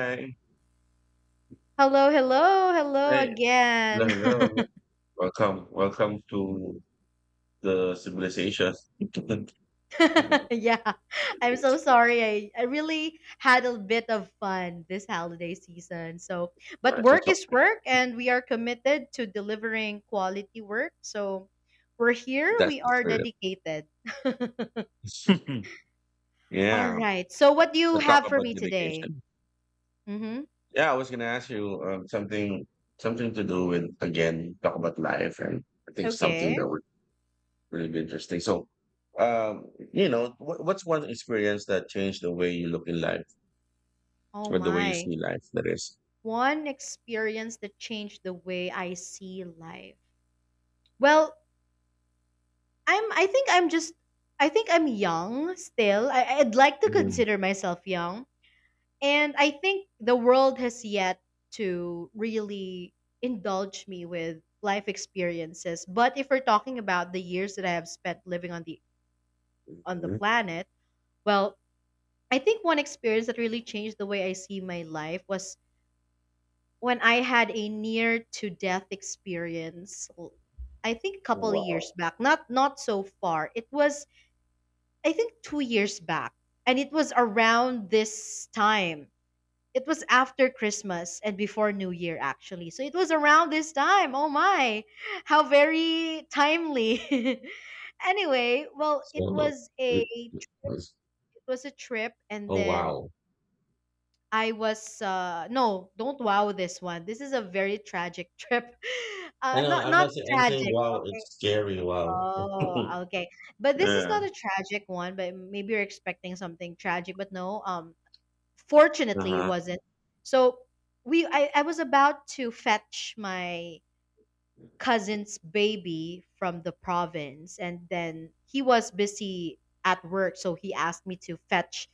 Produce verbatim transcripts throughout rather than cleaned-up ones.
Hi. Hello, hello, hello Hi. Hello, again. hello. Welcome. Welcome to the civilization. yeah, I'm so I sorry. I, I really had a bit of fun this holiday season. So, but work just hope. is work, and we are committed to delivering quality work. So, we're here, That's we the are spirit. dedicated. All Yeah. right. So, what do you So talk have for about me today? dedication. Mm-hmm. Yeah, I was gonna ask you um, something something to do with, again, talk about life, and I think something Okay. that would really be interesting. So um, you know, what, what's one experience that changed the way you look in life, Oh, or the way you my. see life? That is. One experience that changed the way I see life. Well, I'm I think I'm just I think I'm young still. I, I'd like to Mhm. consider myself young. And I think the world has yet to really indulge me with life experiences. But if we're talking about the years that I have spent living on the on the Mhm. planet, well, I think one experience that really changed the way I see my life was when I had a near to death experience. l- I think a couple of Wow. years back, not not so far. It was I think two years back, and it was around this time. It was after Christmas and before New Year, actually. So it was around this time. Oh my, how very timely. anyway, well, it So, was a it- it it was- was a trip, and oh then wow! I was uh, no, don't wow this one. This is a very tragic trip. I Uh, know. not I'm not. not Say, I'm saying tragic. wow. Okay. It's scary. Wow. Oh, okay. But this is not Yeah. a tragic one, but maybe you're expecting something tragic, but no, um, Uh fortunately it huh. wasn't. So we I, I was about to fetch my cousin's baby from the province, and then he was busy at work, so he asked me to fetch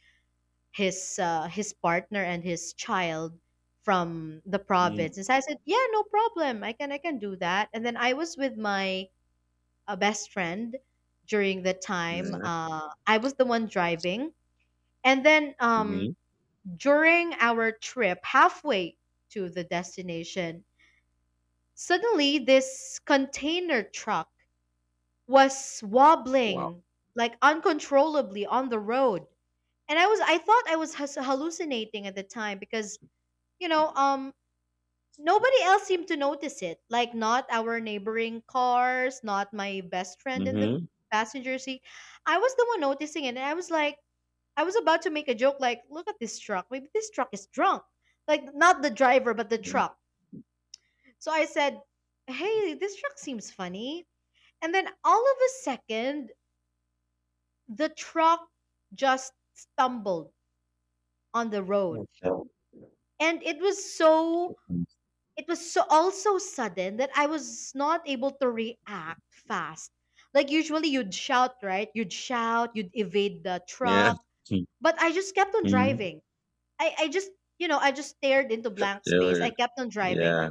his uh, his partner and his child from the Mm. province. And so I said, "Yeah, no problem. I can I can do that." And then I was with my a best friend during the time. Yeah. uh, I was the one driving. And then um, Mm-hmm. during our trip, halfway to the destination, suddenly this container truck was Wow. wobbling like uncontrollably on the road. And I was I thought I was hus- hallucinating at the time because you know um nobody else seemed to notice it. Like, not our neighboring cars, not my best friend in the Mm-hmm. passenger seat. I was the one noticing it, and I was like, I was about to make a joke, like, look at this truck. Maybe this truck is drunk. Like, not the driver, but the truck. So I said, hey, this truck seems funny. And then all of a second, the truck just stumbled on the road. And it was so it was so also sudden that I was not able to react fast. Like usually you'd shout, right? You'd shout, you'd evade the Yeah. truck, but I just kept on Mm-hmm. driving. I I just, you know, I just stared into blank They space. I were. kept on driving. Yeah.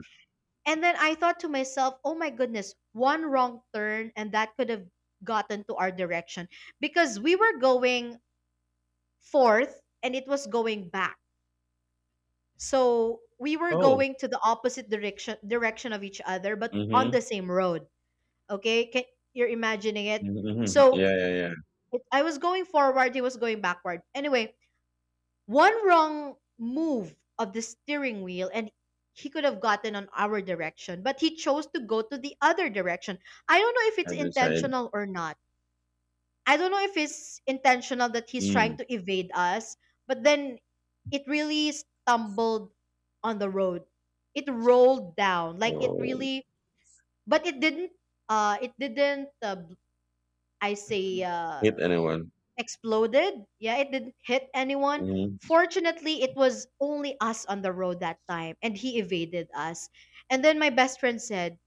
And then I thought to myself, "Oh my goodness, one wrong turn and that could have gotten to our direction because we were going forth and it was going back." So we were Oh. going to the opposite direction direction of each other, but on the Mm-hmm. same road. Okay, Can, you're imagining it. Mm-hmm. So Yeah. Yeah. Yeah. it- I was going forward, he was going backward. Anyway, one wrong move of the steering wheel, and he could have gotten on our direction, but he chose to go to the other direction. I don't know if it's I decided. intentional or not. I don't know if it's intentional that he's trying Mm. to evade us, but then it really stumbled on the road. It rolled down. Like it Oh. really but it didn't uh it didn't uh, bl- I say uh Hit anyone. exploded. Yeah, it didn't hit anyone. Mm-hmm. Fortunately, it was only us on the road that time and he evaded us. And then my best friend said,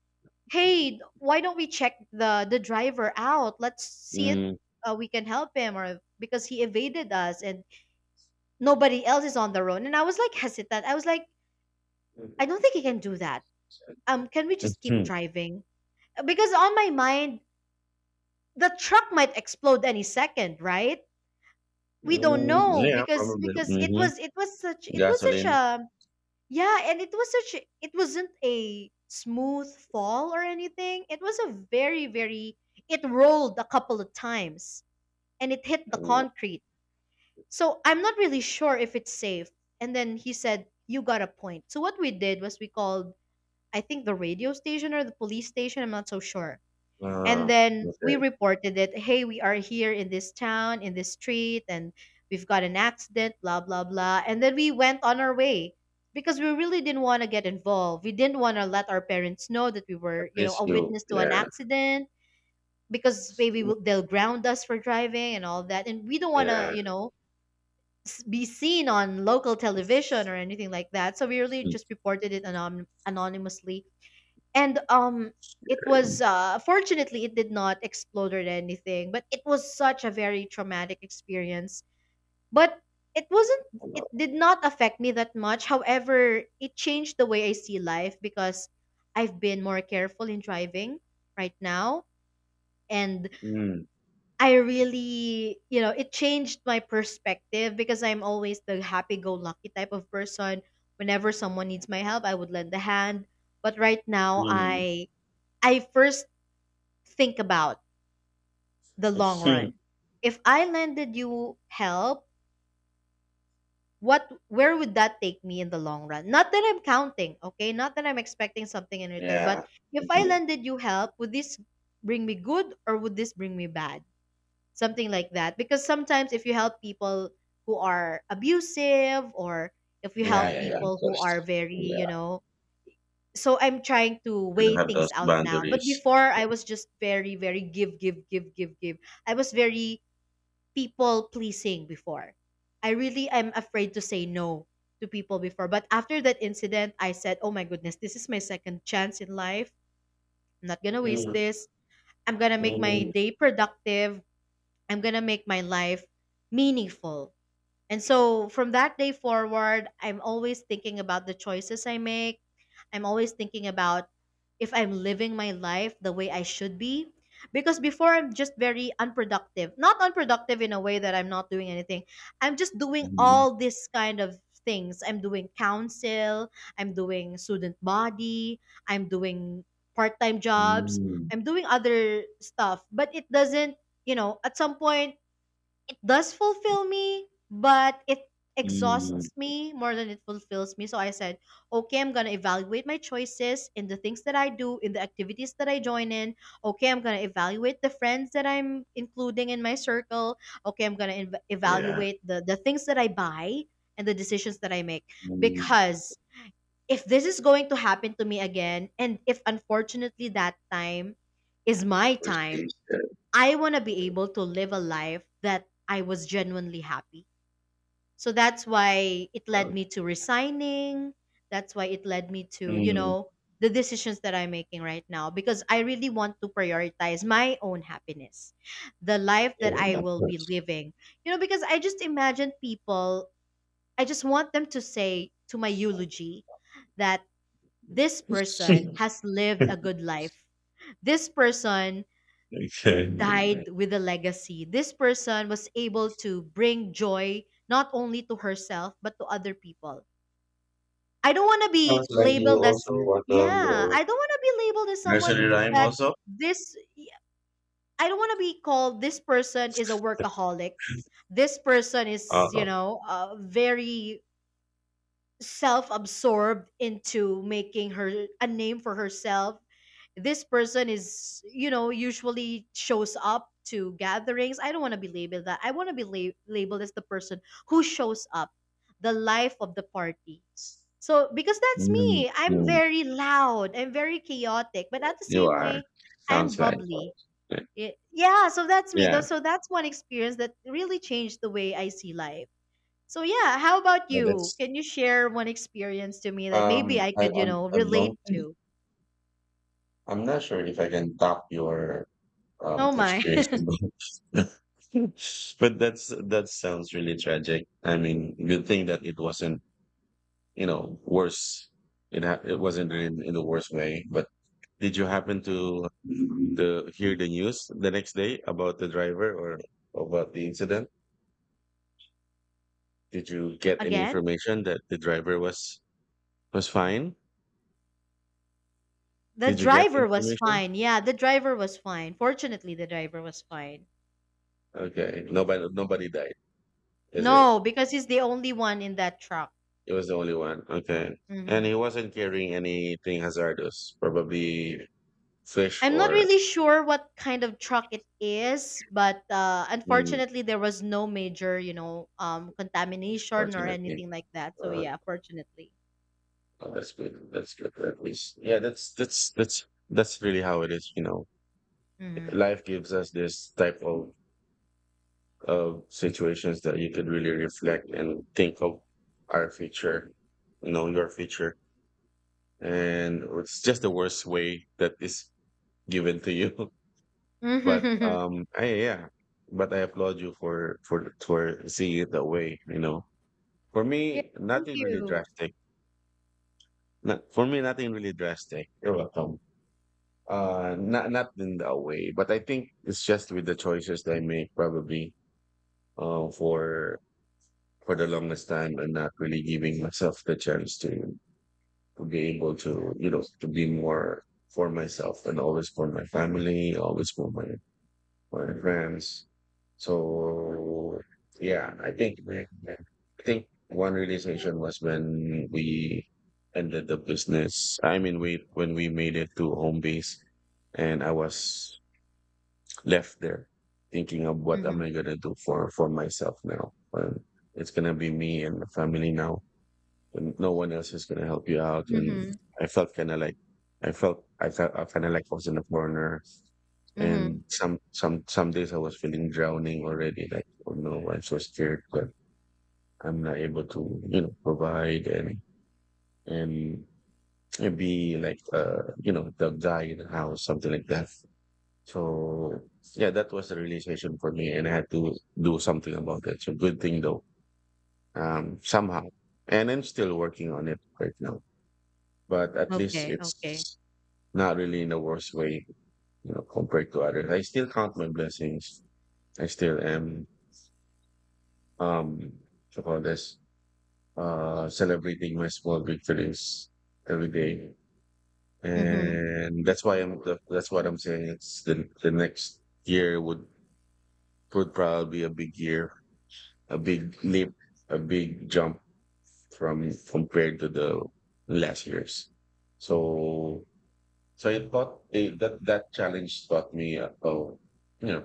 hey, why don't we check the the driver out, let's see if Mm. uh, we can help him, or because he evaded us and nobody else is on the road. And I was like hesitant, I was like, I don't think he can do that. Um can we just keep Mhm. driving, because on my mind the truck might explode any second, right? We don't Mm, know, Yeah. because Probably. because it was Mm-hmm. it was such it was such Gasoline. a Yeah, and it was such a- it wasn't a smooth fall or anything. It was a very very it rolled a couple of times and it hit the concrete. So I'm not really sure if it's safe. And then he said, "You got a point." So what we did was we called I think the radio station or the police station, I'm not so sure. And Ah, then we okay. reported it, hey, we are here in this town, in this street, and we've got an accident, blah blah blah. And then we went on our way, because we really didn't want to get involved, we didn't want to let our parents know that we I were, you know, miss a you. witness to an Yeah. accident, because maybe we'll, they'll ground us for driving and all that, and we don't want to, Yeah. you know, s- be seen on local television It's or anything like that. So we really just reported it anon- anonymously. And um it was okay. uh fortunately it did not explode or anything, but it was such a very traumatic experience. But it wasn't, Hello. it did not affect me that much. However, it changed the way I see life, because I've been more careful in driving right now. And On. Mm, I really, you know, it changed my perspective, because I'm always the happy go lucky type of person. Whenever someone needs my help I would lend a hand, but right now mm, i I first think about the long mm. run. If I lended you help, what where would that take me in the long run? Not that I'm counting, okay? Not that I'm expecting something in return, Yeah. but if I Mhm. lended you help, would this bring me good or would this bring me bad? Something like that. Because sometimes if you help people who are abusive, or if you Yeah, help yeah, yeah. Of people who are course. very, you Yeah. know, so I'm trying to You weigh don't have those things out now. But boundaries. before I was just very, very give, give, give, give, give. I was very people pleasing before. I really am afraid to say no to people before. But after that incident, I said, oh my goodness, this is my second chance in life. I'm not going to waste Mm, this. I'm going to make my mm, day productive. I'm going to make my life meaningful. And so from that day forward, I'm always thinking about the choices I make. I'm always thinking about if I'm living my life the way I should be. Because before I'm just very unproductive. Not unproductive in a way that I'm not doing anything. I'm just doing mm, all this kind of things. I'm doing counsel, I'm doing student body, I'm doing part-time jobs, mm, I'm doing other stuff, but it doesn't, you know, at some point it does fulfill me, but it mm. exhausts me more than it fulfills me. So I said, okay, I'm going to evaluate my choices in the things that I do, in the activities that I join in. Okay, I'm going to evaluate the friends that I'm including in my circle. Okay, I'm going to ev- Yeah. evaluate the, the things that I buy and the decisions that I make. Mm. Because if this is going to happen to me again, and if unfortunately that time is my First time, days there. I want to be able to live a life that I was genuinely happy. So that's why it led Well, me to resigning. That's why it led me to, you mm. know, the decisions that I'm making right now, because I really want to prioritize my own happiness, the life Yeah, that I of will be course. living. You know, because I just imagine people, I just want them to say to my eulogy that this person has lived a good life, this person died Okay. with a legacy. This person was able to bring joy not only to herself but to other people. I don't want to Sounds be like you labeled as, also want to um, yeah, grow I don't want to be labeled as nursery someone rhyme that also. this I don't want to be called, this person is a workaholic. This person is, you Uh, know, uh, very self-absorbed into making her a name for herself, this person is, you know, usually shows up to gatherings. I don't want to be labeled that. I want to be la- labeled as the person who shows up, the life of the party. So because that's Mm, me, I'm mm. very loud, I'm very chaotic, but at the You same are. way I'm Sounds right. bubbly. Y- yeah, so that's me though. Yeah, So that's one experience that really changed the way I see life. So yeah, how about but you? it's Can you share one experience to me that um maybe I I could, you I'm, know, I don't. relate to? I'm not sure if I can top your um Oh my. experience. But that's that sounds really tragic. I mean, good thing that it wasn't, you know, worse. It ha it wasn't in, in the worst way. But did you happen to to hear the news the next day about the driver, or about the incident? Did you get any Again? information that the driver was was fine? The Did you get driver was information? fine. Yeah, the driver was fine. Fortunately, the driver was fine. Okay. Nobody nobody died, is it? No, because he's the only one in that truck. It was the only one. Okay. And hmm he wasn't carrying anything hazardous, probably fish I'm not or really sure what kind of truck it is, but uh, mm, unfortunately, there was no major, you know, um, contamination or fortunately. anything like that. So Uh, yeah, fortunately. oh, that's good. That's good at least. Yeah, that's that's that's that's really how it is, you know. Hmm. Life gives us this type of of situations that you could really reflect and think of our future, you know, your future. And it's just the worst way that is given to you. But um, I, yeah, but I applaud you for for for seeing it that way. You know, for Yeah, me, thank nothing really you. drastic. Not, for me, nothing really drastic. You're welcome. Uh, not not in that way, but I think it's just with the choices that I make, probably uh, for for the longest time, and not really giving myself the chance to to be able to, you know, to be more for myself and always for my family, always for my, my friends. So yeah, I think I think one realization was when we ended the business. I mean, we when we made it to home base, and I was left there thinking of what am Mhm. I gonna do for for myself now. Um, it's gonna be me and my family now, and no one else is gonna help you out. And Mhm, I felt kind of like I felt I felt I kind of like I was in a corner. mhm. And some some some days I was feeling drowning already. Like, oh no, I'm so scared that I'm not able to, you know, provide and and and be like, uh you know, the guy in the house, something like that. So yeah, that was the realization for me, and I had to do something about it. So good thing though, um, somehow, and I'm still working on it right now. But at least Okay, it's okay. not really in a worse way, you know, compared to others. I still count my blessings. I still am, um, so call this, uh, celebrating my small victories every day. Mhm, And that's why I'm, that- that's what I'm saying. It's the, the next year would, would probably be a big year, a big leap, a big jump from, compared to the last years. So So it taught it, that that challenge taught me, uh, oh, you know,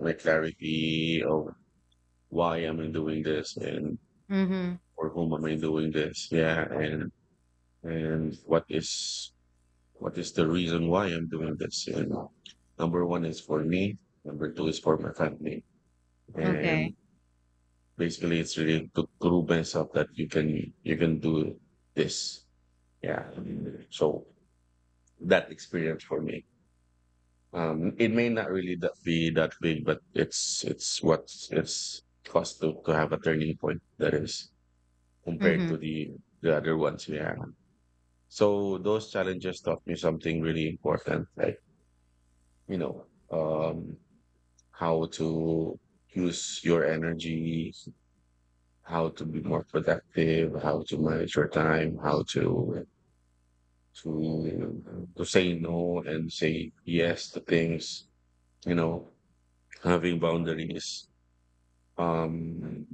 my clarity of why am I doing this, and mhm. for whom am I doing this? Yeah, and and what is what is the reason why I'm doing this? And number one is for me. Number two is for my family. Okay. And basically, it's really to prove myself that you can you can do this. Yeah. So that experience for me, Um, it may not really that be that big, but it's it's what it's cost to, to have a turning point that is compared to Mhm, the the other ones we have. So those challenges taught me something really important, like, you know, um, how to use your energy, how to be more productive, how to manage your time, how to to to say no and say yes to things, you know, having boundaries. Um,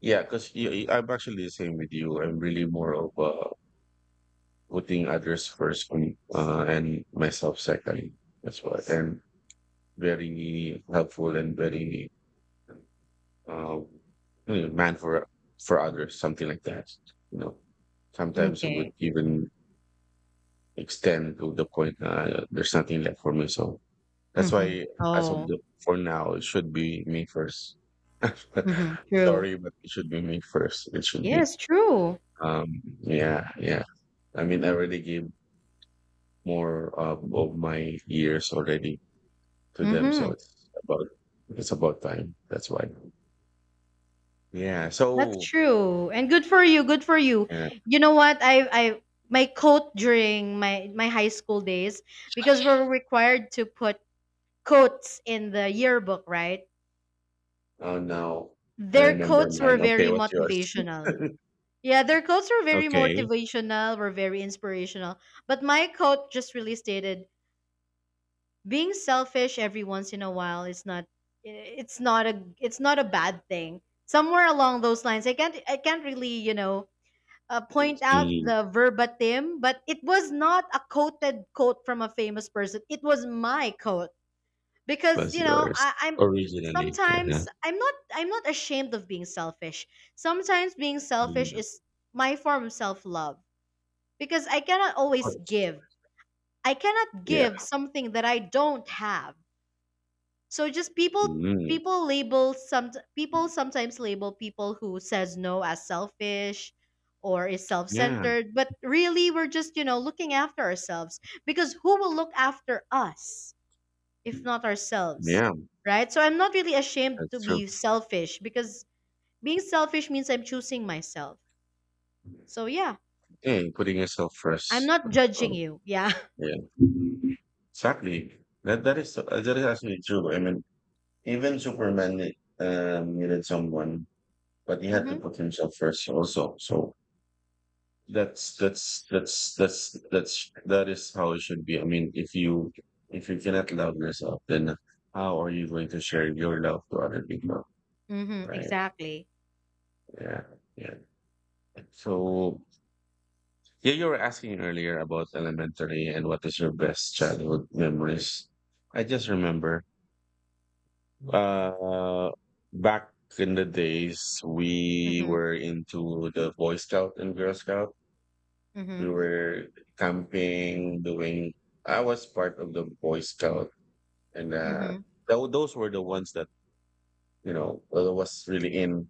yeah, because I'm actually the same with you. I'm really more of uh, putting others first, um, uh, and myself second. That's what. And very helpful and very um, you know, man for for others, something like that. You know, sometimes it m'kay. would even extend to the point, uh, there's nothing left for me. So that's Mhm. why, as of Oh, the for now, it should be me first. mhm. True. Sorry, but it should be me first. It should be. Yes, true. Um, yeah, yeah. I mean, I already gave more um, of my years already to them, so Mhm. it's about it's about time. That's why. Yeah. That's So true. And good for you, good for you. yeah. You know what? I I my coat during my my high school days because we're required to put coats in the yearbook, right? Oh, now I Their remember coats were mine. very Okay, what's yours? motivational. Yeah, their quotes were very Okay. motivational, were very inspirational. But my quote just really stated, being selfish every once in a while is not it's not a it's not a bad thing. Somewhere along those lines, I can't I can't really, you know, uh, point out Mm. the verbatim, but it was not a quoted quote from a famous person. It was my quote This because, was you know, I, yours I'm originally. Yeah. sometimes I'm not I'm not ashamed of being selfish. Sometimes being selfish Mm, of is my form of self-love because I cannot always course. give. I cannot Yeah. give something that I don't have. So just people Mm, people label some people sometimes label people who says no as selfish or is yeah. self-centered, but really we're just, you know, looking after ourselves because who will look after us if not ourselves, Yeah. right? So I'm not really ashamed to That's true. be selfish because being selfish means I'm choosing myself. So yeah, Yeah. Putting yourself I'm first. not judging you. Yeah. Yeah. Exactly. That that is uh, that is actually true. I mean, even Superman ne- um, needed someone, but he had to Mhm. put himself first also. So that's that's that's that's that's that is how it should be. I mean, if you if you cannot love yourself, then how are you going to share your love to other people? Mhm. Right? Exactly. Yeah. Yeah. So yeah, you were asking earlier about elementary and what is your best childhood memories. I just remember, Uh, back in the days, we Mhm, were into the Boy Scout and Girl Scout. We mhm, were camping, doing. I was part of the Boy Scout, and uh, mhm, tho- those were the ones that, you know, I was really in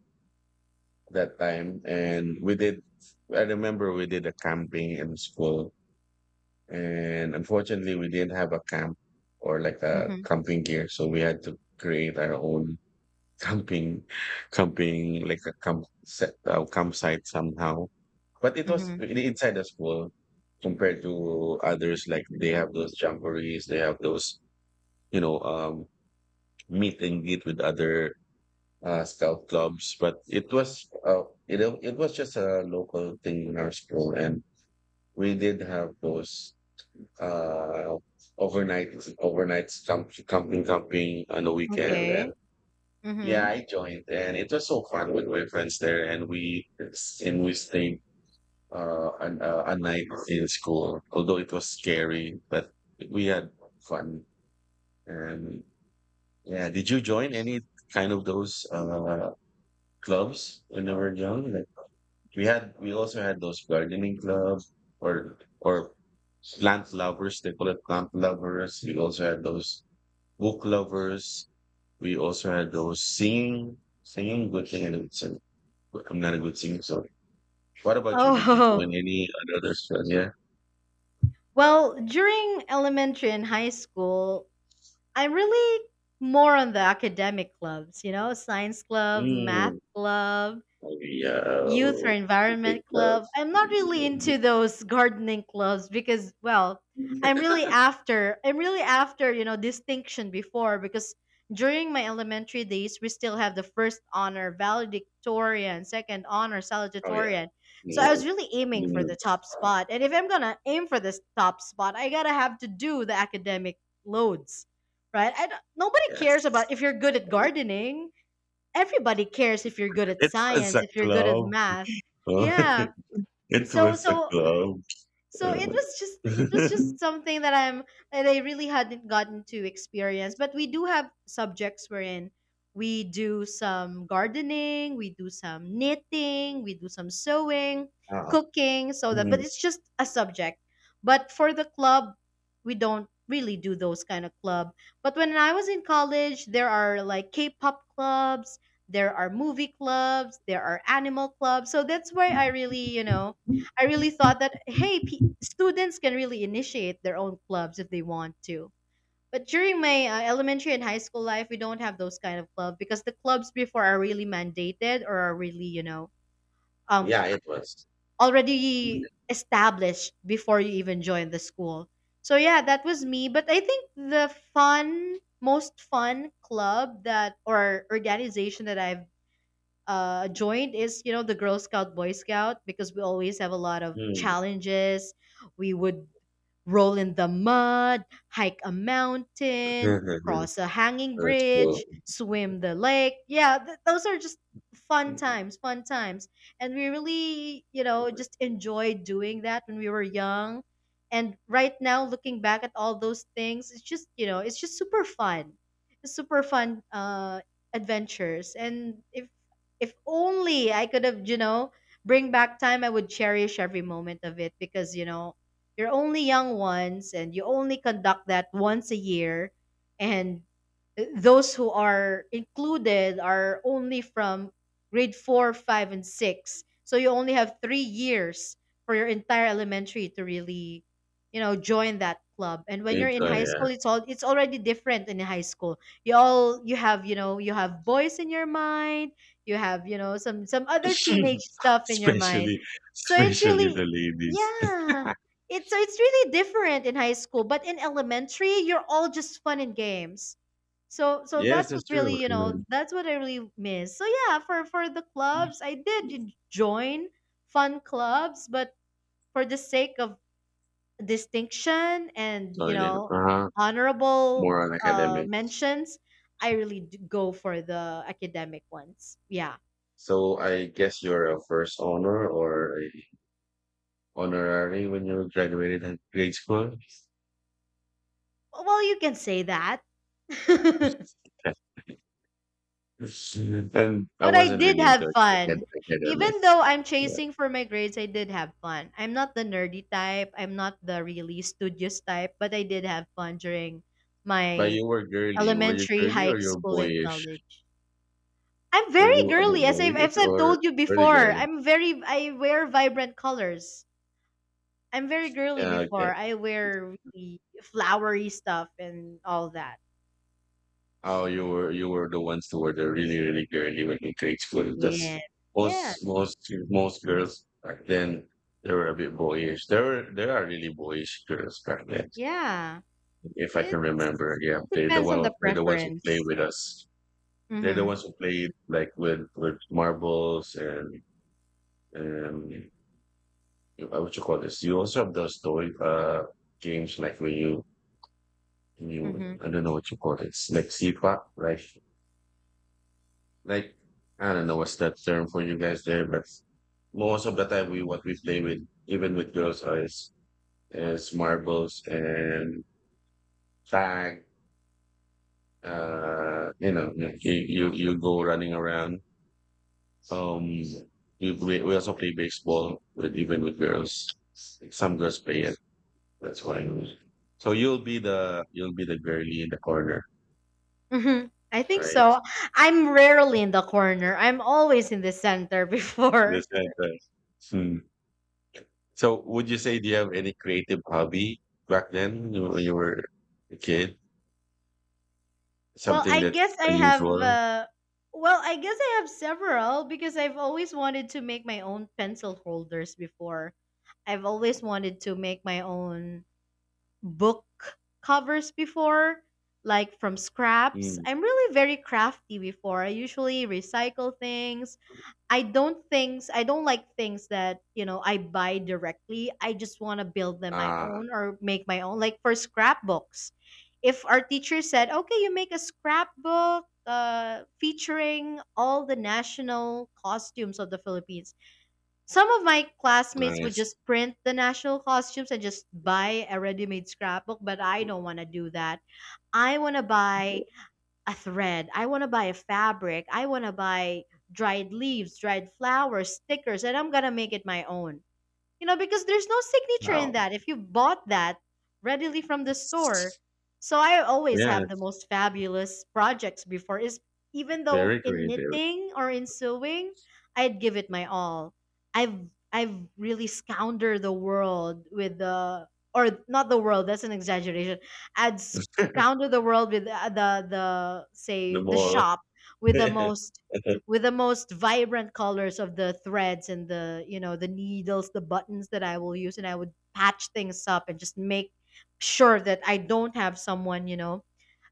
that time. And we did. I remember we did a camping in school, and unfortunately, we didn't have a camp, or like a mhm, camping gear, so we had to create our own camping camping like a camp set uh, campsite somehow. But it was mhm. really inside the school compared to others. Like, they have those jamborees, they have those, you know, um, meet and greet with other uh, scout clubs. But it was, uh, you know, it was just a local thing in our school, and we did have those uh, overnight overnight camp, camping camping on the weekend. And Okay. yeah, Mhm. I joined, and it was so fun with my friends there, and we and we stayed uh, an, uh, a night in school. Although it was scary, but we had fun. And yeah, did you join any kind of those uh, clubs when you were young? Like, we had, we also had those gardening clubs, or or plant lovers. They call it plant lovers. We also had those book lovers. We also had those singing, singing good thing I'm not a good singer, sorry. What about you? Did you join Oh, any other sports? Yeah. well, during elementary and high school, I'm really more on the academic clubs, you know, science club, math Mm. club, Oh, yeah. youth or Great environment love. club. I'm not really into those gardening clubs because well, I'm really after I'm really after, you know, distinction before because during my elementary days we still have the first honor valedictorian, second honor Oh, yeah. salutatorian. So I Yeah. was really aiming for the Mm. top spot. And if I'm going to aim for this top spot, I got to have to do the academic loads. Right? I don't- nobody cares about Yes. if you're good at gardening, everybody cares if you're good at It was science, a if you're good at club. math. Oh, Yeah. it So was a so club. so it Uh, was just it was just something that I'm that I really hadn't gotten to experience, but we do have subjects wherein we do some gardening, we do some knitting, we do some sewing, Wow. cooking, so that, but Mm. it's just a subject. But for the club we don't really do those kind of club, but when I was in college there are like k-pop clubs, there are movie clubs, there are animal clubs, so that's where I really, you know I really thought that, hey, p- students can really initiate their own clubs if they want to. But during my uh, elementary and high school life, we don't have those kind of clubs because the clubs before are really mandated or are really, you know, um, Yeah, it was. already established before you even join the school. So yeah, that was me. But I think the fun, most fun club that or organization that I've uh, joined is you know the Girl Scout Boy Scout because we always have a lot of Mm. challenges. We would roll in the mud, hike a mountain, cross a hanging That's cool. bridge, swim the lake. Yeah, th- those are just fun Hmm. times, fun times. And we really, you know, just enjoyed doing that when we were young. And right now, looking back at all those things, it's just, you know, it's just super fun. It's super fun uh, adventures. And if if only I could have, you know, bring back time, I would cherish every moment of it because, you know, you're only young once and you only conduct that once a year. And those who are included are only from grade four, five, and six. So you only have three years for your entire elementary to really, you know, join that club. And We when you're in enjoy, high yeah. school, it's all it's already different in high school. You all you have, you know, you have boys in your mind, you have you know some some other teenage stuff in your mind, Especially so it's especially the really ladies. yeah it's so it's really different in high school, but in elementary you're all just fun and games. so so Yes, that's what that's really true. you know Mm. that's what I really miss. So yeah, for for the clubs I did join fun clubs, but for the sake of distinction and you Sorry, know uh-huh. honorable More on uh academics. mentions I really d- go for the academic ones. Yeah. So I guess you're a first honor or a honorary when you graduated at grade school. Well, well, you can say that. But And I I wasn't did really into have acad- fun. Even academics. though I'm Yeah. chasing for my grades, I did have fun. I'm not the nerdy type. I'm not the really studious type, but I did have fun during But my you were girly. Were you elementary, girly high or you were school, and boyish? college. I'm Were very you a girly, bit as I've, boyish as I've or told you really before. girly? I'm very, I wear vibrant colors. I'm very girly Yeah, before. okay. I wear really flowery stuff and all that. Oh, you were you were the ones who were the really really girly when you grade school. Yeah. That's most Yes. most most girls back then, they were a bit boyish. There were there are really boyish girls back then, Yeah. if I can remember. It's Yeah, it they're the depends on one the they're the ones who play preference. with us. They're the Mhm. ones who played like with with marbles and and uh, what you call this. You also have those toy, uh games, like when you you Mhm. I don't know what you call it. It's like seepak, right? Like, I don't know what's that term for you guys there, but most of the time, we what we play with, even with girls, uh, is is marbles and tag. Uh, you know, you you you go running around. Um, we play, we also play baseball with, even with girls. Some girls play it. That's why. So you'll be the you'll be the girly in the corner, Mhm. I think right? so. I'm rarely in the corner. I'm always in the center In the before. center. Hmm. So would you say do you have any creative hobby back then when you were a kid? Well, Something I guess that's I have unusual? uh well, I guess I have several because I've always wanted to make my own pencil holders before. I've always wanted to make my own book covers before, like from scraps. Mm. I'm really very crafty before. I usually recycle things. I don't things I don't like things that, you know, I buy directly. I just want to build them my Ah, own or make my own. Like for scrapbooks. If our teacher said, "Okay, you make a scrapbook uh, featuring all the national costumes of the Philippines." Some of my classmates would nice. just print the national costumes and just buy a ready-made scrapbook, but I don't want to do that. I want to buy a thread. I want to buy a fabric. I want to buy dried leaves, dried flowers, stickers, and I'm going to make it my own. You know, because there's no signature in Wow. that if you bought that readily from the store. It's, So I always yeah, have the it's most fabulous projects before, is even though very in creative. knitting or in sewing, I'd give it my all. I've I've really scoundered the world with the, or not the world, that's an exaggeration. I'd scoundered the world with the the, the The say the mall. shop with the most with the most vibrant colors of the threads and the you know the needles, the buttons that I will use, and I would patch things up and just make sure that I don't have someone you know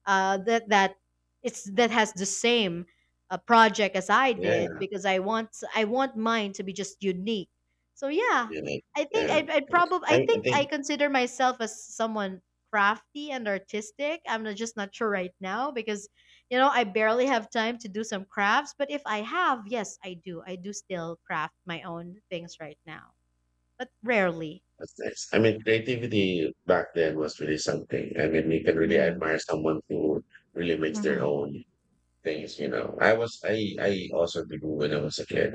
uh, that that it's that has the same uh, project as I did Yeah, because I want I want mine to be just unique. So yeah, yeah, I think yeah. I I probably I, I I think I think consider myself as someone crafty and artistic. I'm not, just not sure right now because you know I barely have time to do some crafts. But if I have, yes, I do. I do still craft my own things right now, but rarely. that's nice. I mean, creativity back then was really something. I mean, you can really Mm-hmm. admire someone who really makes their Mm-hmm. own things, you know. I was, I, I also did when I was a kid.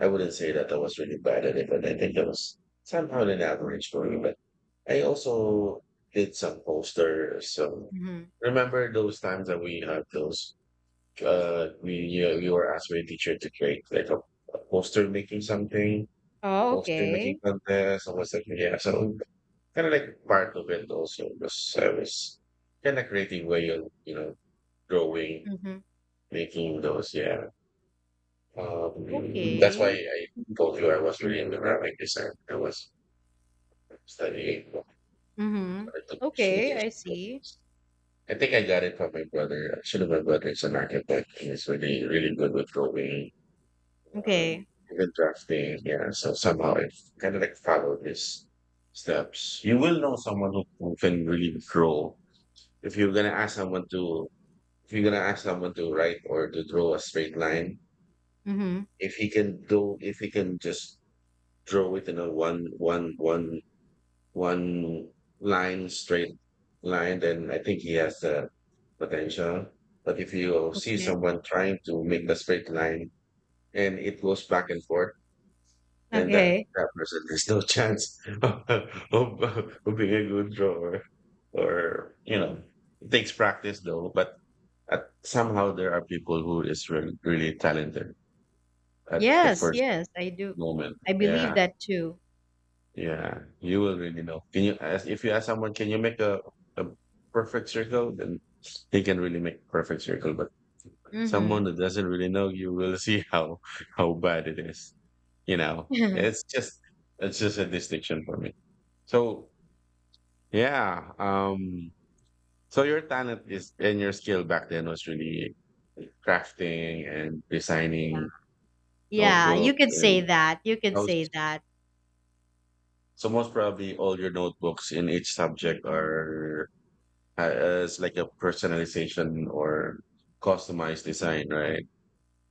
I wouldn't say that I was really bad at it, but I think I was somehow an average for me. But I also did some posters. So Mm-hmm. remember those times that we had those? Uh, we uh, we were asked by a teacher to create like a, a poster making something, Oh, poster making okay. contest, or was like yeah. So kind of like part of it also because I was kind of creative way of you know drawing, Mm-hmm. making those yeah. Um, that's why Okay. I told you I was really into graphic design. I was studying. I Mhm. took pursued Okay, this. I see. I think I got it from my brother. Actually, my brother is an architect. And He's really, really good with drawing, um, Okay. even drafting. Yeah, so somehow I kind of like followed his steps. You will know someone who, who can really draw. If you're gonna ask someone to, if you're gonna ask someone to write or to draw a straight line, Mhm. if he can do, if he can just draw it in a one one one one line straight line, then I think he has the potential. But if you see Okay. someone trying to make the straight line and it goes back and forth, then that, Okay. that person has no chance of, of, of being a good drawer. Or, you know, it takes practice though, but at, somehow there are people who is really, really talented at the Yes, first yes, I do. moment. I believe Yeah. that too. Yeah, you will really know. Can you ask if you ask someone, can you make a, a perfect circle? Then they can really make perfect circle. But someone Mhm. that doesn't really know, you will see how how bad it is. You know, it's just it's just a distinction for me. So yeah, um, so your talent is and your skill back then was really crafting and Yeah. designing Yeah, you notebooks could say and that. You could say most, that. so most probably all your notebooks in each subject are as like a personalization or customized design, right?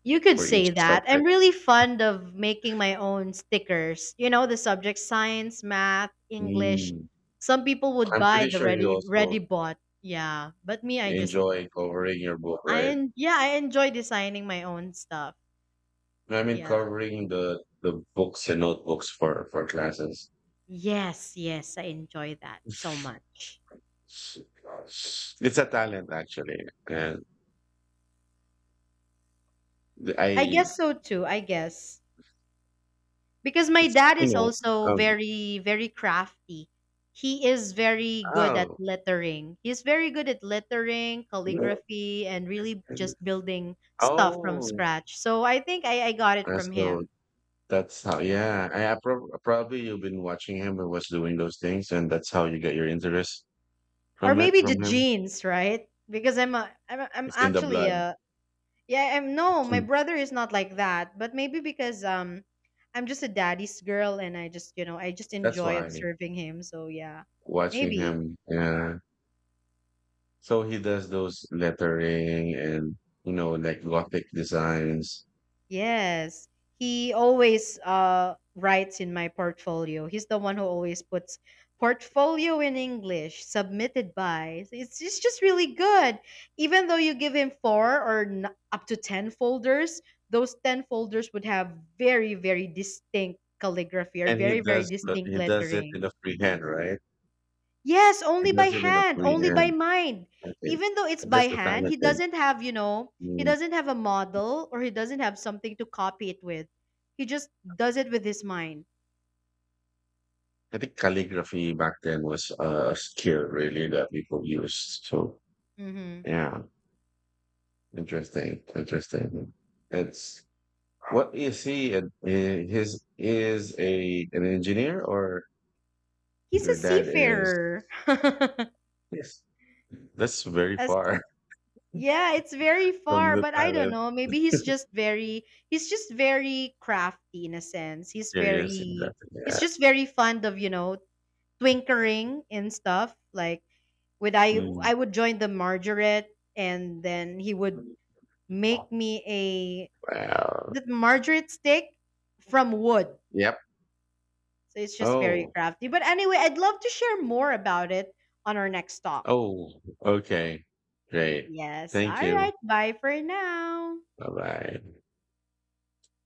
You could For each say that. I'm subject. really fond of making my own stickers. You know, the subject science, math, English. Mm. Some people would I'm buy pretty the sure you ready also ready bought. Yeah, but me I just enjoy covering your book, I right? en- yeah, I enjoy designing my own stuff. I mean, Yeah. covering the the books and notebooks for for classes. Yes, yes, I enjoy that so much. It's a talent actually, and I I guess so too, I guess. Because my it's dad you is know also um, very, very crafty. He is very good at oh lettering. He's very good at lettering, calligraphy, and really just building stuff from oh scratch. So I think I, I got it from so him. that's how yeah, I I prob probably you've been watching him who was doing those things, and that's how you get your interest Or from it maybe the from him. genes, right? Because I'm a, I'm, a, I'm It's in the actually blood. a, yeah, I'm no, my Mm. brother is not like that, but maybe because um I'm just a daddy's girl and I just, you know, I just That's enjoy why observing him. So yeah. watching Maybe. him, yeah. So he does those lettering and you know, like gothic designs. Yes, he always uh, writes in my portfolio. He's the one who always puts portfolio in English, submitted by. It's, it's just really good. Even though you give him four or n- up to ten folders, those ten folders would have very, very distinct calligraphy or And he very, very does but distinct he does it lettering. in a free hand, right? Yes, He only by does it in a hand, free only by hand, mind. I think. Even though it's by That's the hand, he talented. doesn't have, you know, he Mm. doesn't have a model or he doesn't have something to copy it with. He just does it with his mind. I think calligraphy back then was uh, a skill really that people used. So Hmm. yeah. Interesting. Interesting. It's what is he? An, eh, his is a an engineer, or He's a your dad is? seafarer. Yes. That's very As far yeah, it's very from far, the but I don't talent. know. Maybe he's just very he's just very crafty in a sense. He's Curious, very exactly. he's Yeah. just very fond of, you know, twinkering and stuff. Like with, I Mm. I would join the margarette and then he would make me a Wow. the margarette stick from wood. Yep. So it's just very Oh. crafty. But anyway, I'd love to share more about it on our next talk. Oh. Okay. Great. Yes. Thank All right. you. Bye for now. Bye bye.